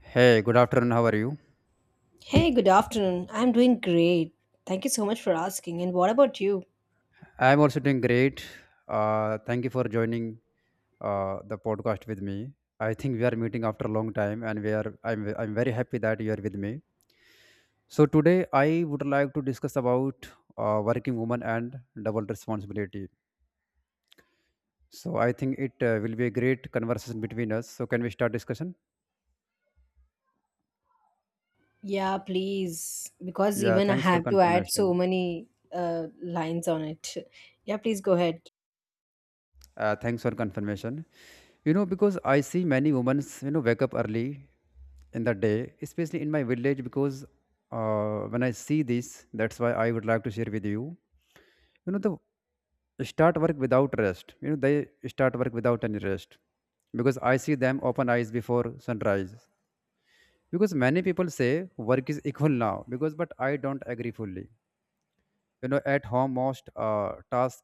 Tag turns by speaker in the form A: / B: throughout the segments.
A: Hey, good afternoon. How are you?
B: Hey, good afternoon. I'm doing great. Thank you so much for asking. And what about you?
A: I'm also doing great. Thank you for joining the podcast with me. I think we are meeting after a long time, and we are. I'm very happy that you are with me. So today, I would like to discuss about working woman and double responsibility. So I think it will be a great conversation between us. So can we start discussion?
B: Yeah, please. Because
A: Yeah.
B: even I
A: Thanks for
B: have to add so
A: confirmation.
B: many lines on it. Yeah, please go ahead.
A: Thanks for confirmation. You know, because I see many women, you know, wake up early in the day, especially in my village, because when I see this, that's why I would like to share with you. You know, the start work without rest. You know, they start work without any rest because I see them open eyes before sunrise. Because many people say work is equal now, because but I don't agree fully, you know, at home most tasks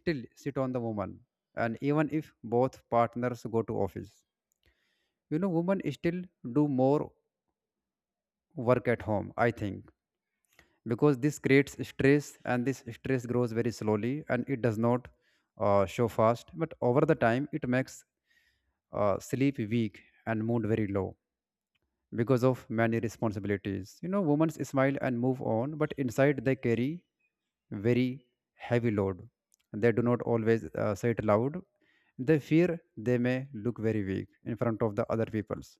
A: still sit on the woman, and even if both partners go to office, you know, women still do more work at home, I think, because this creates stress and this stress grows very slowly and it does not show fast, but over the time it makes sleep weak and mood very low. Because of many responsibilities, you know, women smile and move on, but inside they carry very heavy load. They do not always say it loud. They fear they may look very weak in front of the other peoples,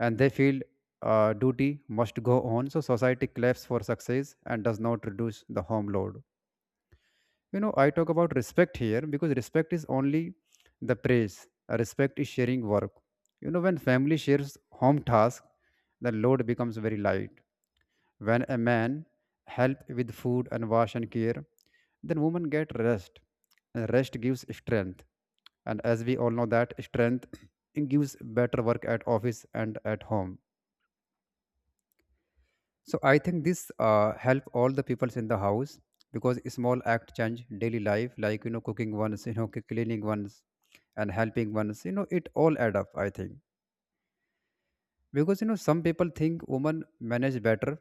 A: and they feel duty must go on. So society claps for success and does not reduce the home load. You know, I talk about respect here because respect is only the praise. Respect is sharing work. You know, when family shares home task, the load becomes very light. When a man help with food and wash and care, then women get rest. And rest gives strength. And as we all know that strength gives better work at office and at home. So I think this help all the peoples in the house, because small act change daily life, like, you know, cooking ones, you know, cleaning ones and helping ones, you know, it all add up, I think. Because, you know, some people think women manage better,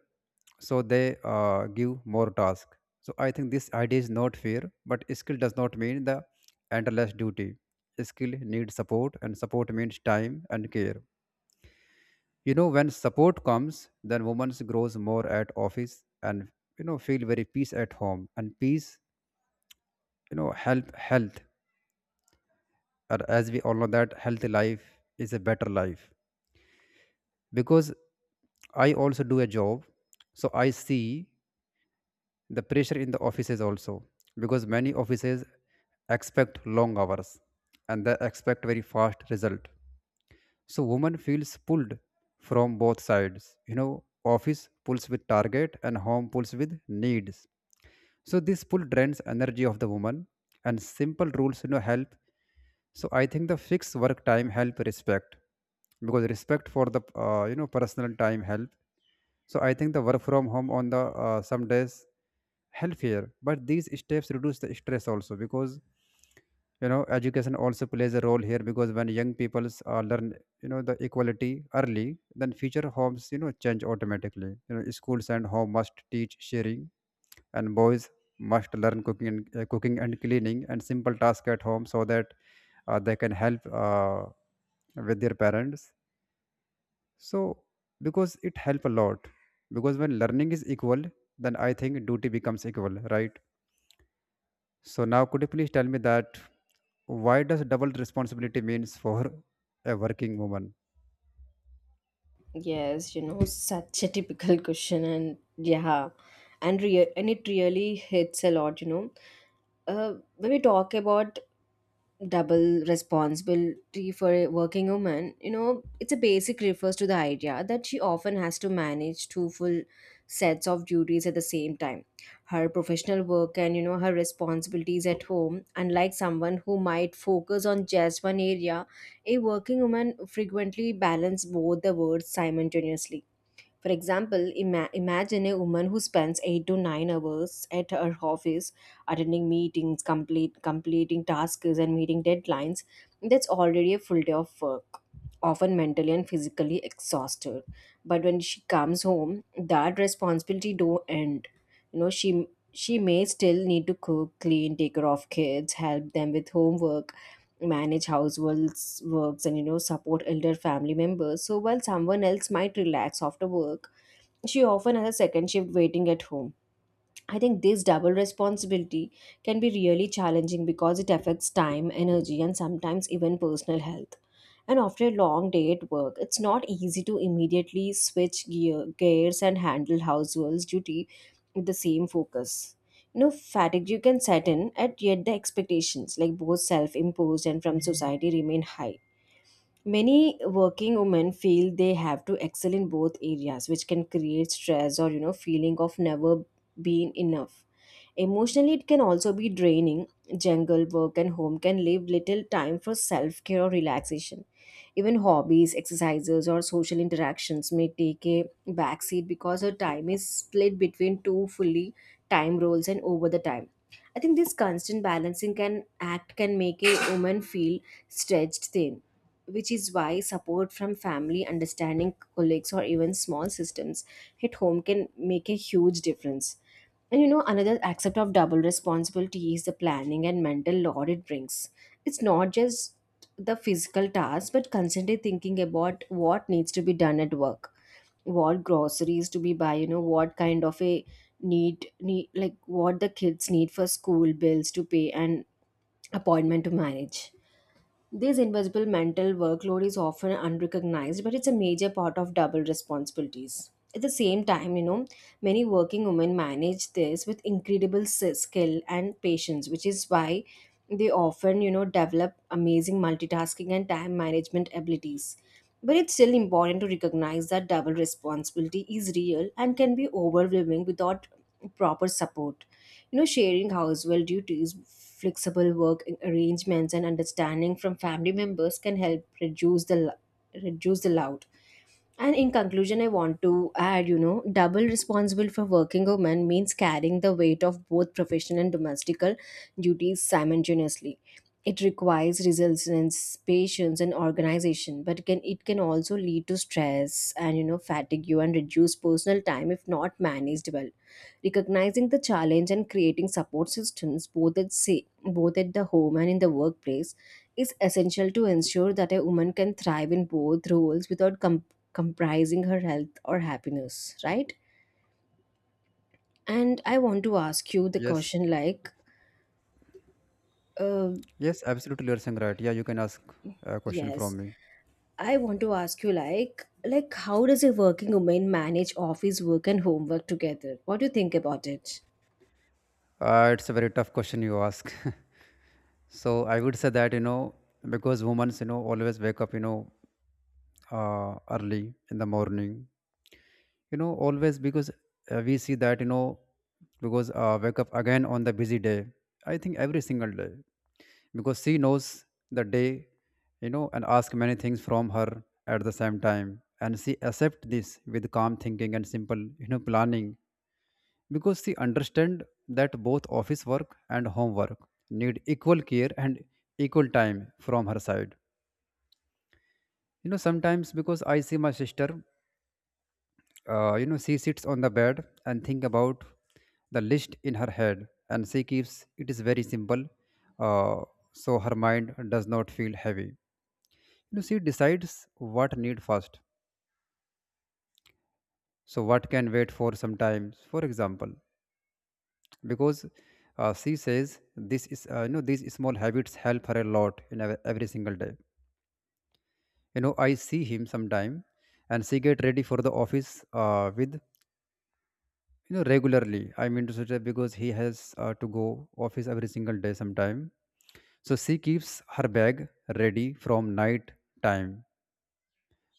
A: so they give more task. So I think this idea is not fair, but skill does not mean the endless duty. Skill needs support and support means time and care. You know, when support comes, then women grows more at office and, you know, feel very peace at home, and peace, you know, help health. And as we all know that healthy life is a better life. Because I also do a job, so I see the pressure in the offices also, because many offices expect long hours and they expect very fast result. So woman feels pulled from both sides. You know, office pulls with target and home pulls with needs. So this pull drains energy of the woman, and simple rules, you know, help. So I think the fixed work time help respect, because respect for the you know personal time help. So I think the work from home on the some days healthier, but these steps reduce the stress also. Because, you know, education also plays a role here, because when young peoples learn, you know, the equality early, then future homes, you know, change automatically. You know, schools and home must teach sharing, and boys must learn cooking and cleaning and simple tasks at home, so that they can help with their parents. So, because it help a lot. Because when learning is equal, then I think duty becomes equal, right? So now, could you please tell me that why does double responsibility means for a working woman?
B: Yes, you know, such a typical question, and yeah, and real and it really hits a lot, you know. Uh, when we talk about double responsibility for a working woman, you know, it's a basic refers to the idea that she often has to manage two full sets of duties at the same time, her professional work and, you know, her responsibilities at home. Unlike someone who might focus on just one area, a working woman frequently balance both the words simultaneously. For example, imagine a woman who spends 8 to 9 hours at her office, attending meetings, complete completing tasks, and meeting deadlines. That's already a full day of work, often mentally and physically exhausted. But when she comes home, that responsibility don't end. You know, she may still need to cook, clean, take care of kids, help them with homework, manage households works, and, you know, support elder family members, so while someone else might relax after work she often has a second shift waiting at home. I think this double responsibility can be really challenging because it affects time, energy, and sometimes even personal health. And after a long day at work, it's not easy to immediately switch gears and handle household duty with the same focus. You know, fatigue you can set in, at yet the expectations, like both self imposed and from society, remain high. Many working women feel they have to excel in both areas, which can create stress or, you know, feeling of never being enough. Emotionally, it can also be draining. Jungle work and home can leave little time for self care or relaxation. Even hobbies, exercises, or social interactions may take a backseat because her time is split between two fully time roles and over the time. I think this constant balancing can make a woman feel stretched thin, which is why support from family, understanding colleagues, or even small systems at home can make a huge difference. And, you know, another aspect of double responsibility is the planning and mental load it brings. It's not just the physical task, but constantly thinking about what needs to be done at work, what groceries to be buy, you know, what kind of a need like what the kids need for school, bills to pay, and appointment to manage. This invisible mental workload is often unrecognized, but it's a major part of double responsibilities. At the same time, you know, many working women manage this with incredible skill and patience, which is why they often, you know, develop amazing multitasking and time management abilities. But it's still important to recognize that double responsibility is real and can be overwhelming without proper support. You know, sharing household duties, flexible work arrangements, and understanding from family members can help reduce the loud. And in conclusion, I want to add, you know, double responsible for working woman means carrying the weight of both professional and domestical duties simultaneously. It requires resilience, patience, and organization, but can also lead to stress and, you know, fatigue and reduce personal time if not managed well. Recognizing the challenge and creating support systems both at the home and in the workplace is essential to ensure that a woman can thrive in both roles without comprising her health or happiness, right? And I want to ask you the
A: Yes,
B: question, like, uh,
A: yes, absolutely, you're saying right. Yeah, you can ask a question
B: yes,
A: from me.
B: I want to ask you, like how does a working woman manage office work and homework together? What do you think about it?
A: It's a very tough question you ask. So I would say that, you know, because women, you know, always wake up, you know, early in the morning, you know, always, because we see that, you know, because wake up again on the busy day. I think every single day, because she knows the day, you know, and ask many things from her at the same time. And she accept this with calm thinking and simple, you know, planning, because she understand that both office work and homework need equal care and equal time from her side. You know, sometimes, because I see my sister. You know, she sits on the bed and think about the list in her head, and she keeps it is very simple, uh, so her mind does not feel heavy. You know, she decides what need first, so what can wait for sometimes. For example, because she says this is, you know, these small habits help her a lot in every single day. You know, I see him sometime, and she get ready for the office with, you know, regularly. I mean to say that because he has to go office every single day sometime, so she keeps her bag ready from night time.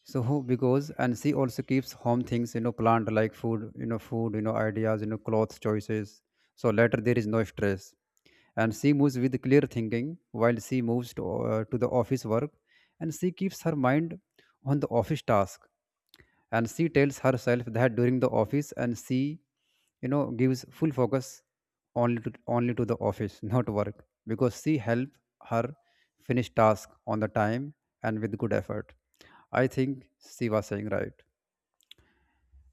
A: So because and she also keeps home things, you know, plant, like food, you know, food, you know, ideas, you know, clothes choices, so later there is no stress. And she moves with clear thinking while she moves to the office work, and she keeps her mind on the office task. And she tells herself that during the office and she, you know, gives full focus only to the office not work, because she help her finish task on the time and with good effort, I think. She was saying right.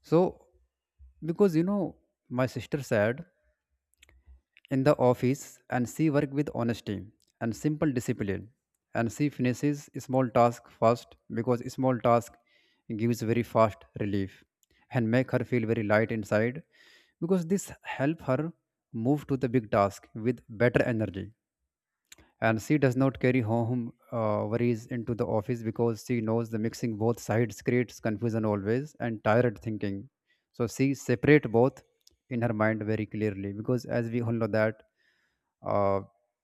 A: So, because, you know, my sister said, in the office and she works with honesty and simple discipline, and she finishes small task fast, because small task gives very fast relief and make her feel very light inside, because this help her move to the big task with better energy. And she does not carry home worries into the office, because she knows the mixing both sides creates confusion always and tired thinking. So she separate both in her mind very clearly, because as we all know that, uh,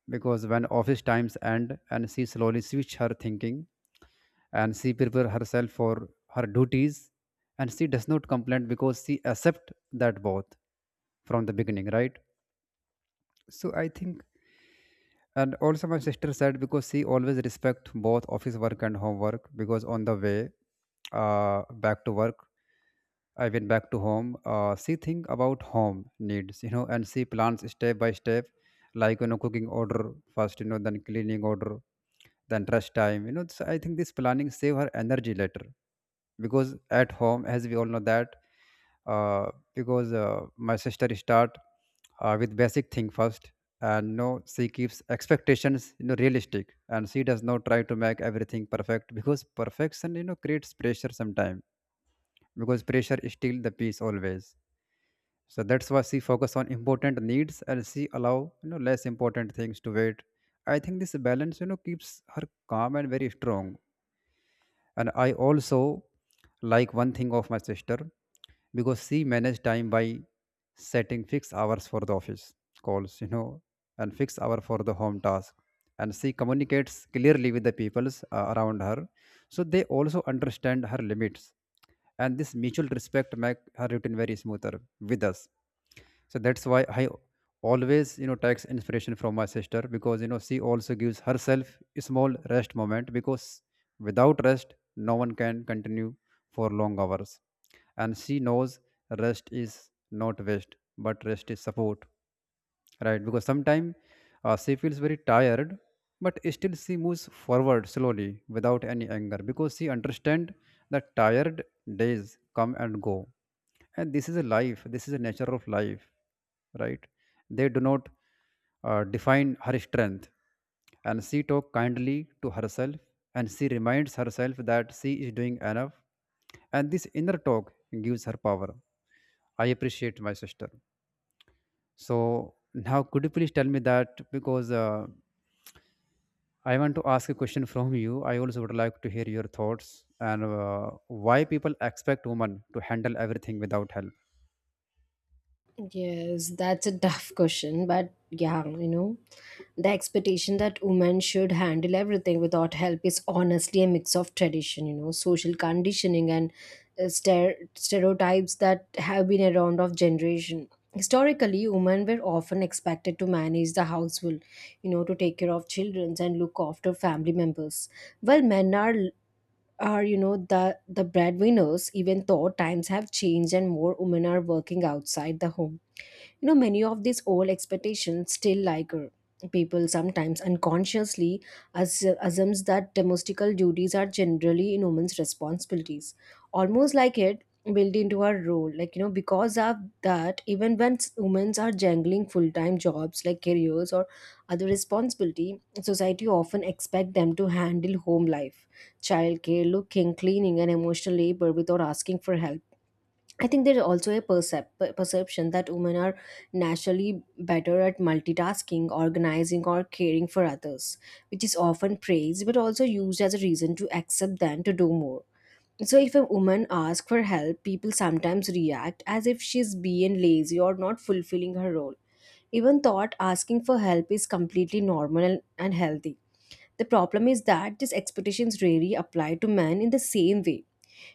A: because when office times end and she slowly switch her thinking and she prepare herself for her duties, and she does not complain because she accept that both from the beginning, right? So I think, and also my sister said because she always respect both office work and homework. Because on the way back to work, I went back to home. She think about home needs, you know, and she plans step by step, like, you know, cooking order first, you know, then cleaning order, then rest time, you know. So I think this planning save her energy later. Because at home, as we all know that, because my sister start with basic thing first, and no, she keeps expectations, you know, realistic, and she does not try to make everything perfect, because perfection, you know, creates pressure sometime, because pressure steal the peace always. So that's why she focus on important needs, and she allow, you know, less important things to wait. I think this balance, you know, keeps her calm and very strong. And I also like one thing of my sister, because she managed time by setting fixed hours for the office calls, you know, and fixed hour for the home task. And she communicates clearly with the peoples around her, so they also understand her limits. And this mutual respect make her routine very smoother with us. So that's why I always, you know, takes inspiration from my sister, because, you know, she also gives herself a small rest moment, because without rest no one can continue for long hours. And she knows rest is not waste, but rest is support, right? Because sometimes she feels very tired, but still she moves forward slowly without any anger, because she understand that tired days come and go, and this is a life, this is a nature of life, right? They do not define her strength. And she talks kindly to herself, and she reminds herself that she is doing enough, and this inner talk gives her power. I appreciate my sister. So now could you please tell me that, because I want to ask a question from you, I also would like to hear your thoughts, and why people expect women to handle everything without help?
B: Yes, that's a tough question, but yeah, you know. The expectation that women should handle everything without help is honestly a mix of tradition, you know, social conditioning, and stereotypes that have been around of generation. Historically, women were often expected to manage the household, you know, to take care of children and look after family members. While men are, you know, the breadwinners, even though times have changed and more women are working outside the home, you know, many of these old expectations still linger. People sometimes unconsciously as- assumes that domestical duties are generally in women's responsibilities, almost like it built into our role, like, you know, because of that, even when women are jangling full-time jobs like careers or other responsibility, society often expect them to handle home life, childcare, looking, cleaning, and emotional labor without asking for help. I think there's also a perception that women are naturally better at multitasking, organizing, or caring for others, which is often praised but also used as a reason to accept them to do more. So, if a woman asks for help, people sometimes react as if she's being lazy or not fulfilling her role. Even thought asking for help is completely normal and healthy. The problem is that these expectations rarely apply to men in the same way.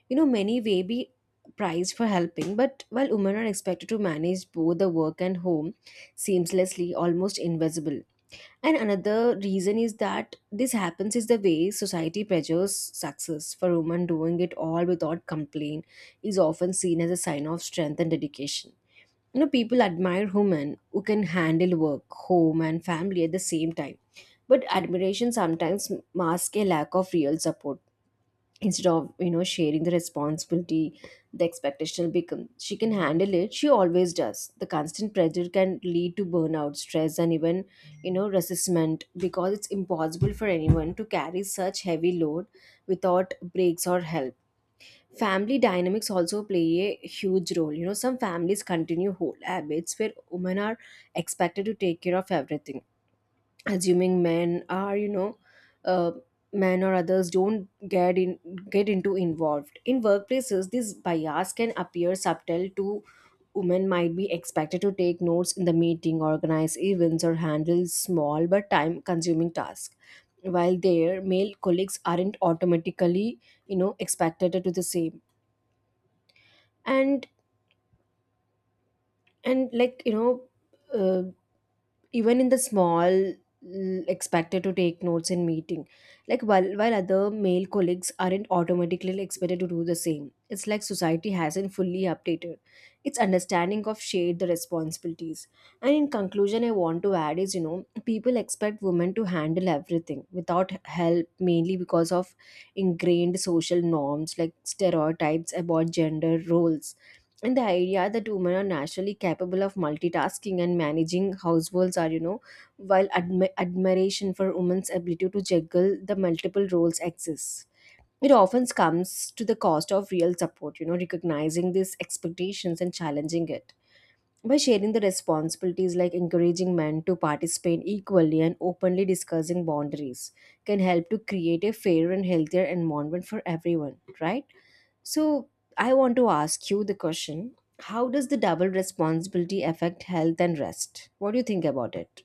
B: You know, many may be prized for helping, but while women are expected to manage both the work and home seamlessly, almost invisible. And another reason is that this happens is the way society pressures success. For women, doing it all without complaint is often seen as a sign of strength and dedication. You know, people admire women who can handle work, home, and family at the same time. But admiration sometimes masks a lack of real support, instead of, you know, sharing the responsibility. The expectation will become she can handle it, she always does. The constant pressure can lead to burnout, stress, and even, you know, resistment, because it's impossible for anyone to carry such heavy load without breaks or help. Family dynamics also play a huge role. You know, some families continue whole habits where women are expected to take care of everything, assuming men are, you know, uh, men or others don't get into involved. In workplaces, this bias can appear subtle to. Women might be expected to take notes in the meeting, organize events, or handle small but time consuming tasks, while their male colleagues aren't automatically, you know, expected to do the same. And and, like, you know, uh, even in the small expected to take notes in meeting, like, while other male colleagues aren't automatically expected to do the same. It's like society hasn't fully updated its understanding of shared the responsibilities. And in conclusion, I want to add is, you know, people expect women to handle everything without help mainly because of ingrained social norms like stereotypes about gender roles and the idea that women are naturally capable of multitasking and managing households are, you know, while admiration for women's ability to juggle the multiple roles exists, it often comes to the cost of real support. You know, recognizing these expectations and challenging it by sharing the responsibilities, like encouraging men to participate equally and openly discussing boundaries, can help to create a fairer and healthier environment for everyone, right? So, I want to ask you the question, how does the double responsibility affect health and rest? What do you think about it?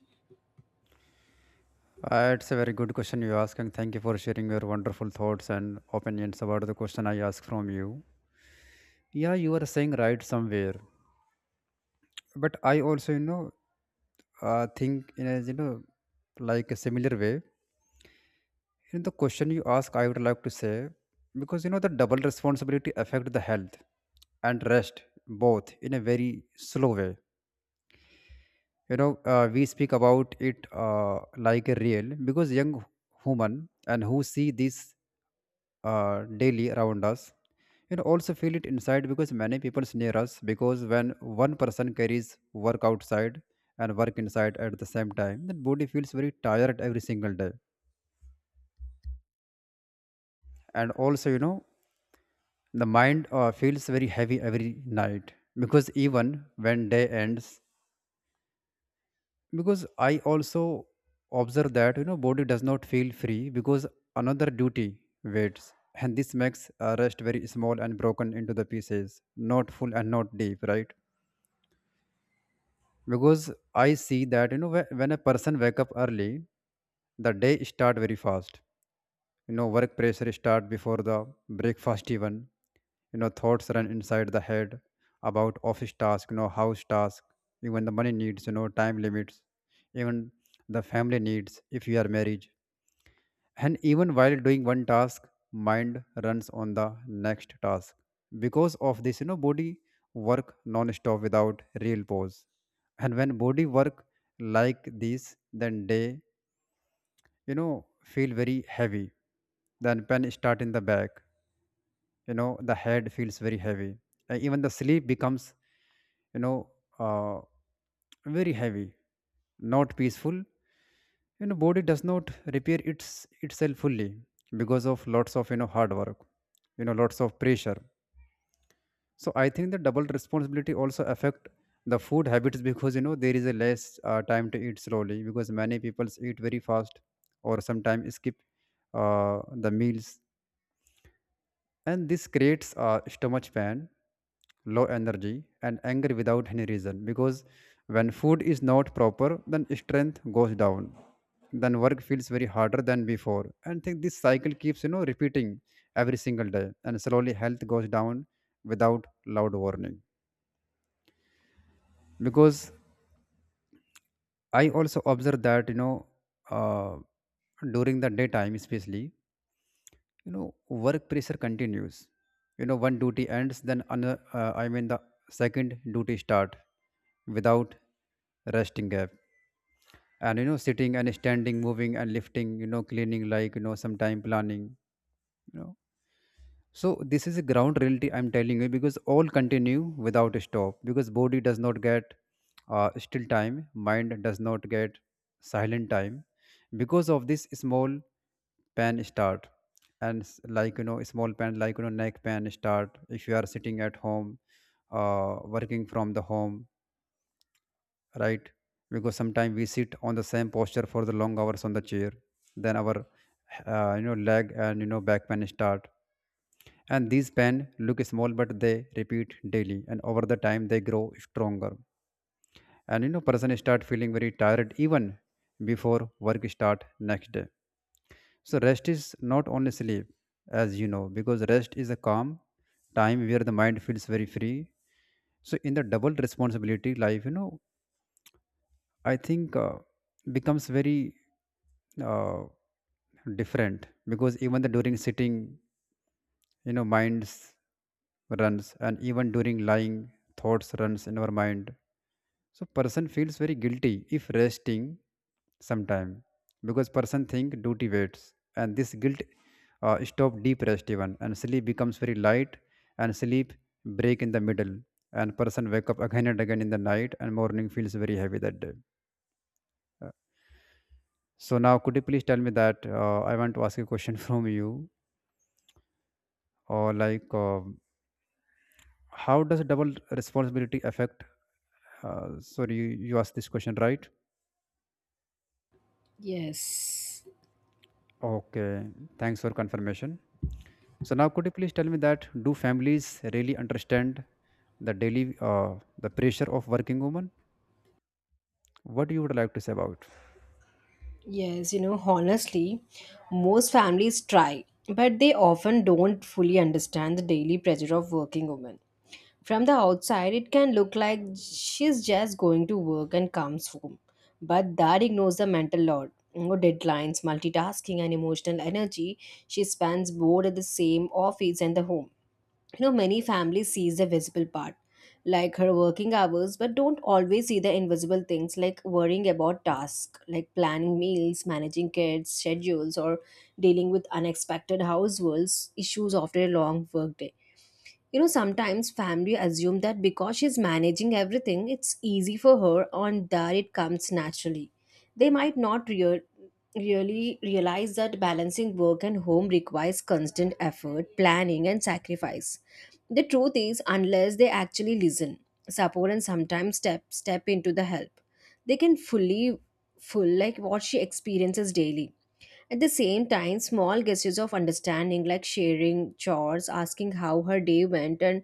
A: It's a very good question you ask, and thank you for sharing your wonderful thoughts and opinions about the question I asked from you. Yeah, you are saying right somewhere, but I also, you know, think in a like a similar way. In the question you ask, I would like to say because you know the double responsibility affect the health and rest both in a very slow way, you know, we speak about it, uh, like a real, because young human and who see this, uh, daily around us, you know, also feel it inside because many people near us, because when one person carries work outside and work inside at the same time, the body feels very tired every single day, and also, you know, the mind feels very heavy every night, because even when day ends, because I also observe that, you know, body does not feel free because another duty waits, and this makes rest very small and broken into the pieces, not full and not deep, right? Because I see that, you know, when a person wake up early, the day start very fast, you know, work pressure start before the breakfast even, you know, thoughts run inside the head about office task, you know, house task, even the money needs, you know, time limits, even the family needs if you are married, and even while doing one task, mind runs on the next task. Because of this, you know, body work non-stop without real pause, and when body work like this, then day, you know, feel very heavy, then pen start in the back, you know, the head feels very heavy, and even the sleep becomes, you know, uh, very heavy, not peaceful. You know, body does not repair itself fully because of lots of, you know, hard work, you know, lots of pressure. So I think the double responsibility also affect the food habits, because you know there is a less time to eat slowly, because many people eat very fast or sometimes skip the meals, and this creates stomach pain, low energy, and anger without any reason. Because when food is not proper, then strength goes down, then work feels very harder than before, and think this cycle keeps, you know, repeating every single day, and slowly health goes down without loud warning. Because I also observe that, you know, uh, during the daytime especially, you know, work pressure continues. You know, one duty ends then another, I mean the second duty start without resting gap, and you know, sitting and standing, moving and lifting, you know, cleaning, like, you know, sometime planning, you know. So this is a ground reality I'm telling you, because all continue without a stop, because body does not get still time, mind does not get silent time. Because of this, small pan start, and like, you know, small pan, like, you know, neck pan start if you are sitting at home, working from the home, right? Because sometimes we sit on the same posture for the long hours on the chair, then our you know, leg, and you know, back pain start, and these pan look small, but they repeat daily, and over the time they grow stronger. And you know, person start feeling very tired even before work start next day. So rest is not only sleep, as you know, because rest is a calm time where the mind feels very free. So in the double responsibility life, you know, I think becomes very uh, different, because even the during sitting, you know, minds runs, and even during lying, thoughts runs in our mind, so person feels very guilty if resting sometime, because person think duty waits, and this guilt stop deep rest even, and sleep becomes very light, and sleep break in the middle, and person wake up again and again in the night, and morning feels very heavy that day. So now could you please tell me that, I want to ask a question from you, or like how does double responsibility affect, sorry, you asked this question, right?
B: Yes.
A: Okay, thanks for confirmation. So now could you please tell me that, do families really understand the daily the pressure of working woman, what you would like to say about?
B: Yes, you know, honestly, most families try, but they often don't fully understand the daily pressure of working women. From the outside, it can look like she's just going to work and comes home, but that ignores the mental load, you know, deadlines, multitasking, and emotional energy she spends both at the same office and the home. You know, many families sees the visible part like her working hours, but don't always see the invisible things like worrying about tasks like planning meals, managing kids schedules, or dealing with unexpected household issues after a long workday. You know, sometimes family assume that because she's managing everything, it's easy for her and that it comes naturally. They might not really realize that balancing work and home requires constant effort, planning, and sacrifice. The truth is, unless they actually listen, support, and sometimes step into the help, they can fully full like what she experiences daily. At the same time, small gestures of understanding, like sharing chores, asking how her day went, and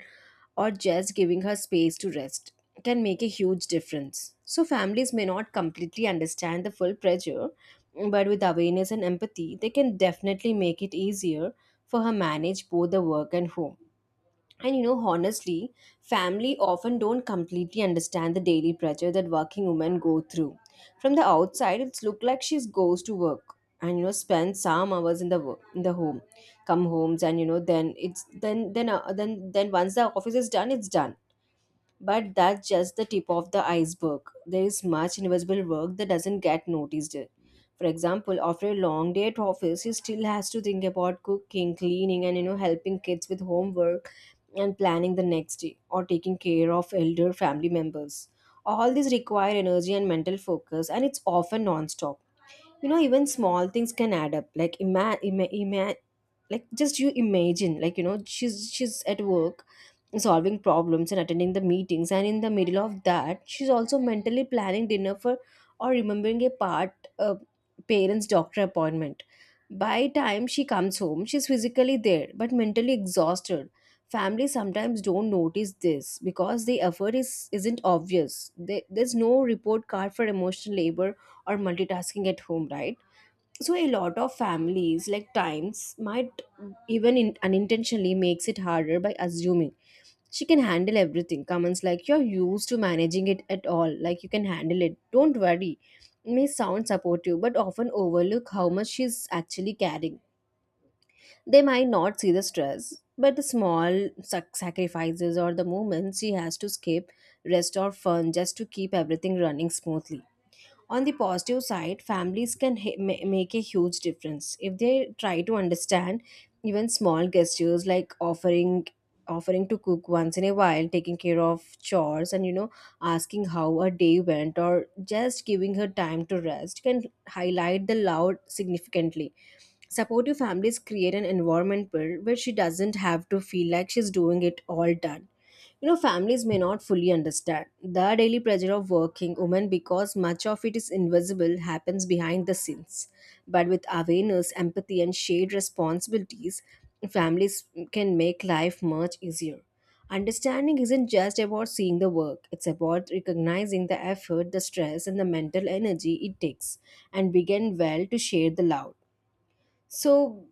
B: or just giving her space to rest, can make a huge difference. So, families may not completely understand the full pressure, but with awareness and empathy, they can definitely make it easier for her manage both the work and home. And you know, honestly, family often don't completely understand the daily pressure that working women go through. From the outside, it's look like she goes to work and you know spends some hours in the work, in the home, come homes and you know then it's then once the office is done, it's done. But that's just the tip of the iceberg. There is much invisible work that doesn't get noticed. For example, after a long day at office, he still has to think about cooking, cleaning, and you know helping kids with homework and planning the next day or taking care of elder family members. All these require energy and mental focus, and it's often non-stop. You know even small things can add up, like just you imagine, like you know she's at work solving problems and attending the meetings, and in the middle of that she's also mentally planning dinner for or remembering a part parents doctor appointment. By time she comes home she's physically there but mentally exhausted. Families sometimes don't notice this because the effort is isn't obvious. There's no report card for emotional labor or multitasking at home, right? So a lot of families like times might unintentionally makes it harder by assuming she can handle everything. Comments like you're used to managing it at all, like you can handle it, don't worry, may sound supportive but often overlook how much she's actually carrying. They might not see the stress but the small sacrifices or the moments she has to skip rest or fun just to keep everything running smoothly. On the positive side, families can make a huge difference if they try to understand. Even small gestures like offering to cook once in a while, taking care of chores, and you know asking how a day went, or just giving her time to rest can highlight the loud significantly. Supportive families create an environment where she doesn't have to feel like she's doing it all done. You know, families may not fully understand the daily pressure of working women because much of it is invisible, happens behind the scenes. But with awareness, empathy, and shared responsibilities, families can make life much easier. Understanding isn't just about seeing the work, it's about recognizing the effort, the stress, and the mental energy it takes, and begin well to share the love. So,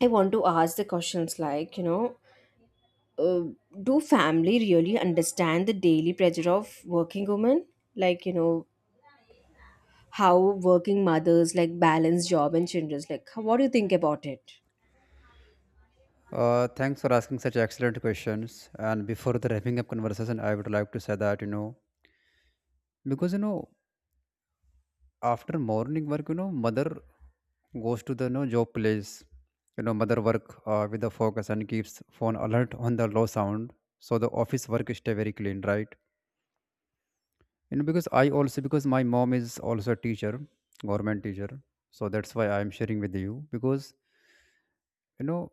B: I want to ask the questions like, you know, uh, do family really understand the daily pressure of working women, like you know, how working mothers like balance job and children's, like how, what do you think about it?
A: Thanks for asking such excellent questions, and before the wrapping up conversation, I would like to say that, you know, because you know, after morning work, you know, mother goes to the, you know, job place. You know, mother work with the focus and keeps phone alert on the low sound, so the office work stay very clean, right? You know, because I also, because my mom is also a teacher, government teacher, so that's why I am sharing with you. Because, you know,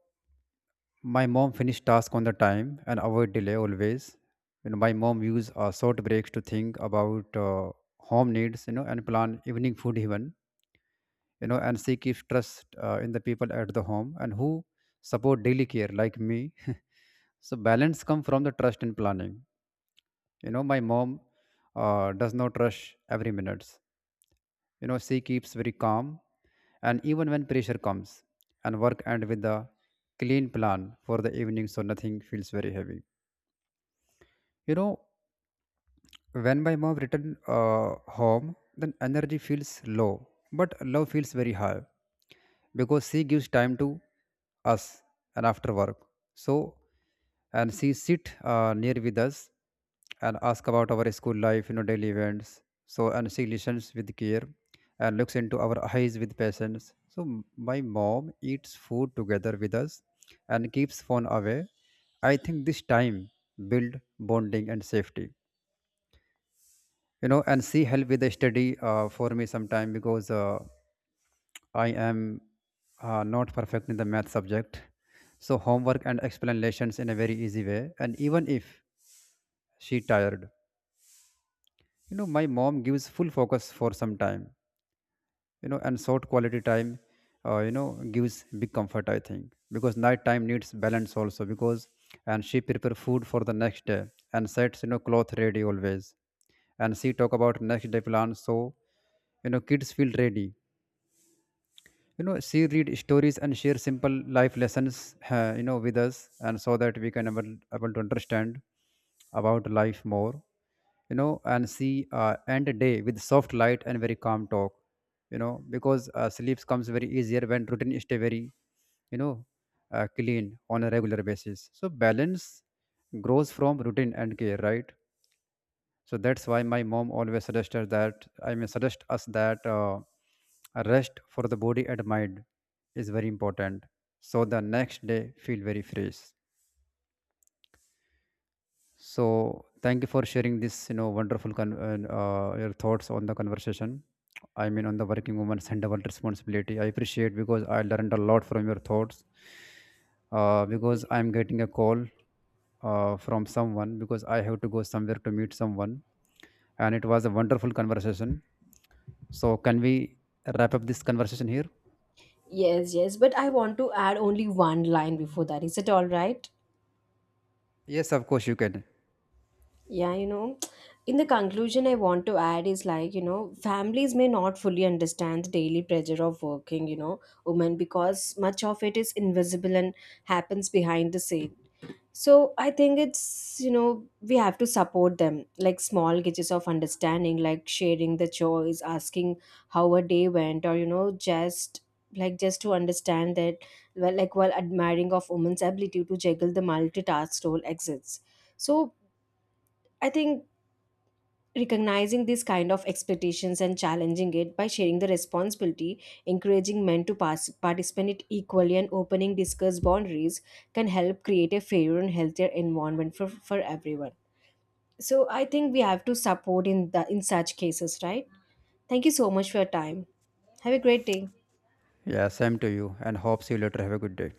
A: my mom finish task on the time and avoid delay always. You know, my mom use short breaks to think about home needs, you know, and plan evening food even, you know, and seek if trust in the people at the home, and who support daily care like me so balance come from the trust in planning. You know, my mom does not rush every minutes, you know, she keeps very calm and even when pressure comes, and work end with the clean plan for the evening, so nothing feels very heavy, you know. When my mom returned home, then energy feels low, but love feels very high, because she gives time to us and after work. So, and she sit near with us and ask about our school life, you know, daily events. So, and she listens with care and looks into our eyes with patience. So, my mom eats food together with us and keeps phone away. I think this time build bonding and safety. You know, and she helped with the study, for me sometime, because I am not perfect in the math subject, so homework and explanations in a very easy way, and even if she tired, you know, my mom gives full focus for some time. You know, and short quality time, you know, gives big comfort. I think because night time needs balance also, because and she prepare food for the next day, and sets, you know, cloth ready always, and she talk about next day plans, so you know kids feel ready. You know, she read stories and share simple life lessons, you know, with us, and so that we can able, able to understand about life more, you know, and see end a day with soft light and very calm talk. You know, because sleeps comes very easier when routine stay very, you know, clean on a regular basis, so balance grows from routine and care, right? So that's why my mom always suggested that I may suggest us that, a rest for the body and mind is very important, so the next day feel very fresh. So thank you for sharing this, you know, wonderful and, your thoughts on the conversation. I mean, on the working woman's and double responsibility. I appreciate, because I learned a lot from your thoughts. Because I'm getting a call, from someone, because I have to go somewhere to meet someone, and it was a wonderful conversation. So, can we wrap up this conversation here?
B: Yes, yes, but I want to add only one line before that, is it all right?
A: Yes, of course, you can.
B: Yeah, you know, in the conclusion I want to add is like you know families may not fully understand the daily pressure of working, you know, women, because much of it is invisible and happens behind the scenes. So I think it's, you know, we have to support them, like small gauges of understanding, like sharing the chores, asking how a day went, or, you know, just like just to understand that, well, like while admiring of women's ability to juggle the multitask role exists. So I think recognizing these kind of expectations and challenging it by sharing the responsibility, encouraging men to pass, participate equally, and opening discuss boundaries can help create a fairer and healthier environment for everyone. So I think we have to support in the in such cases, right? Thank you so much for your time. Have a great day.
A: Yeah, same to you, and hope see you later. Have a good day.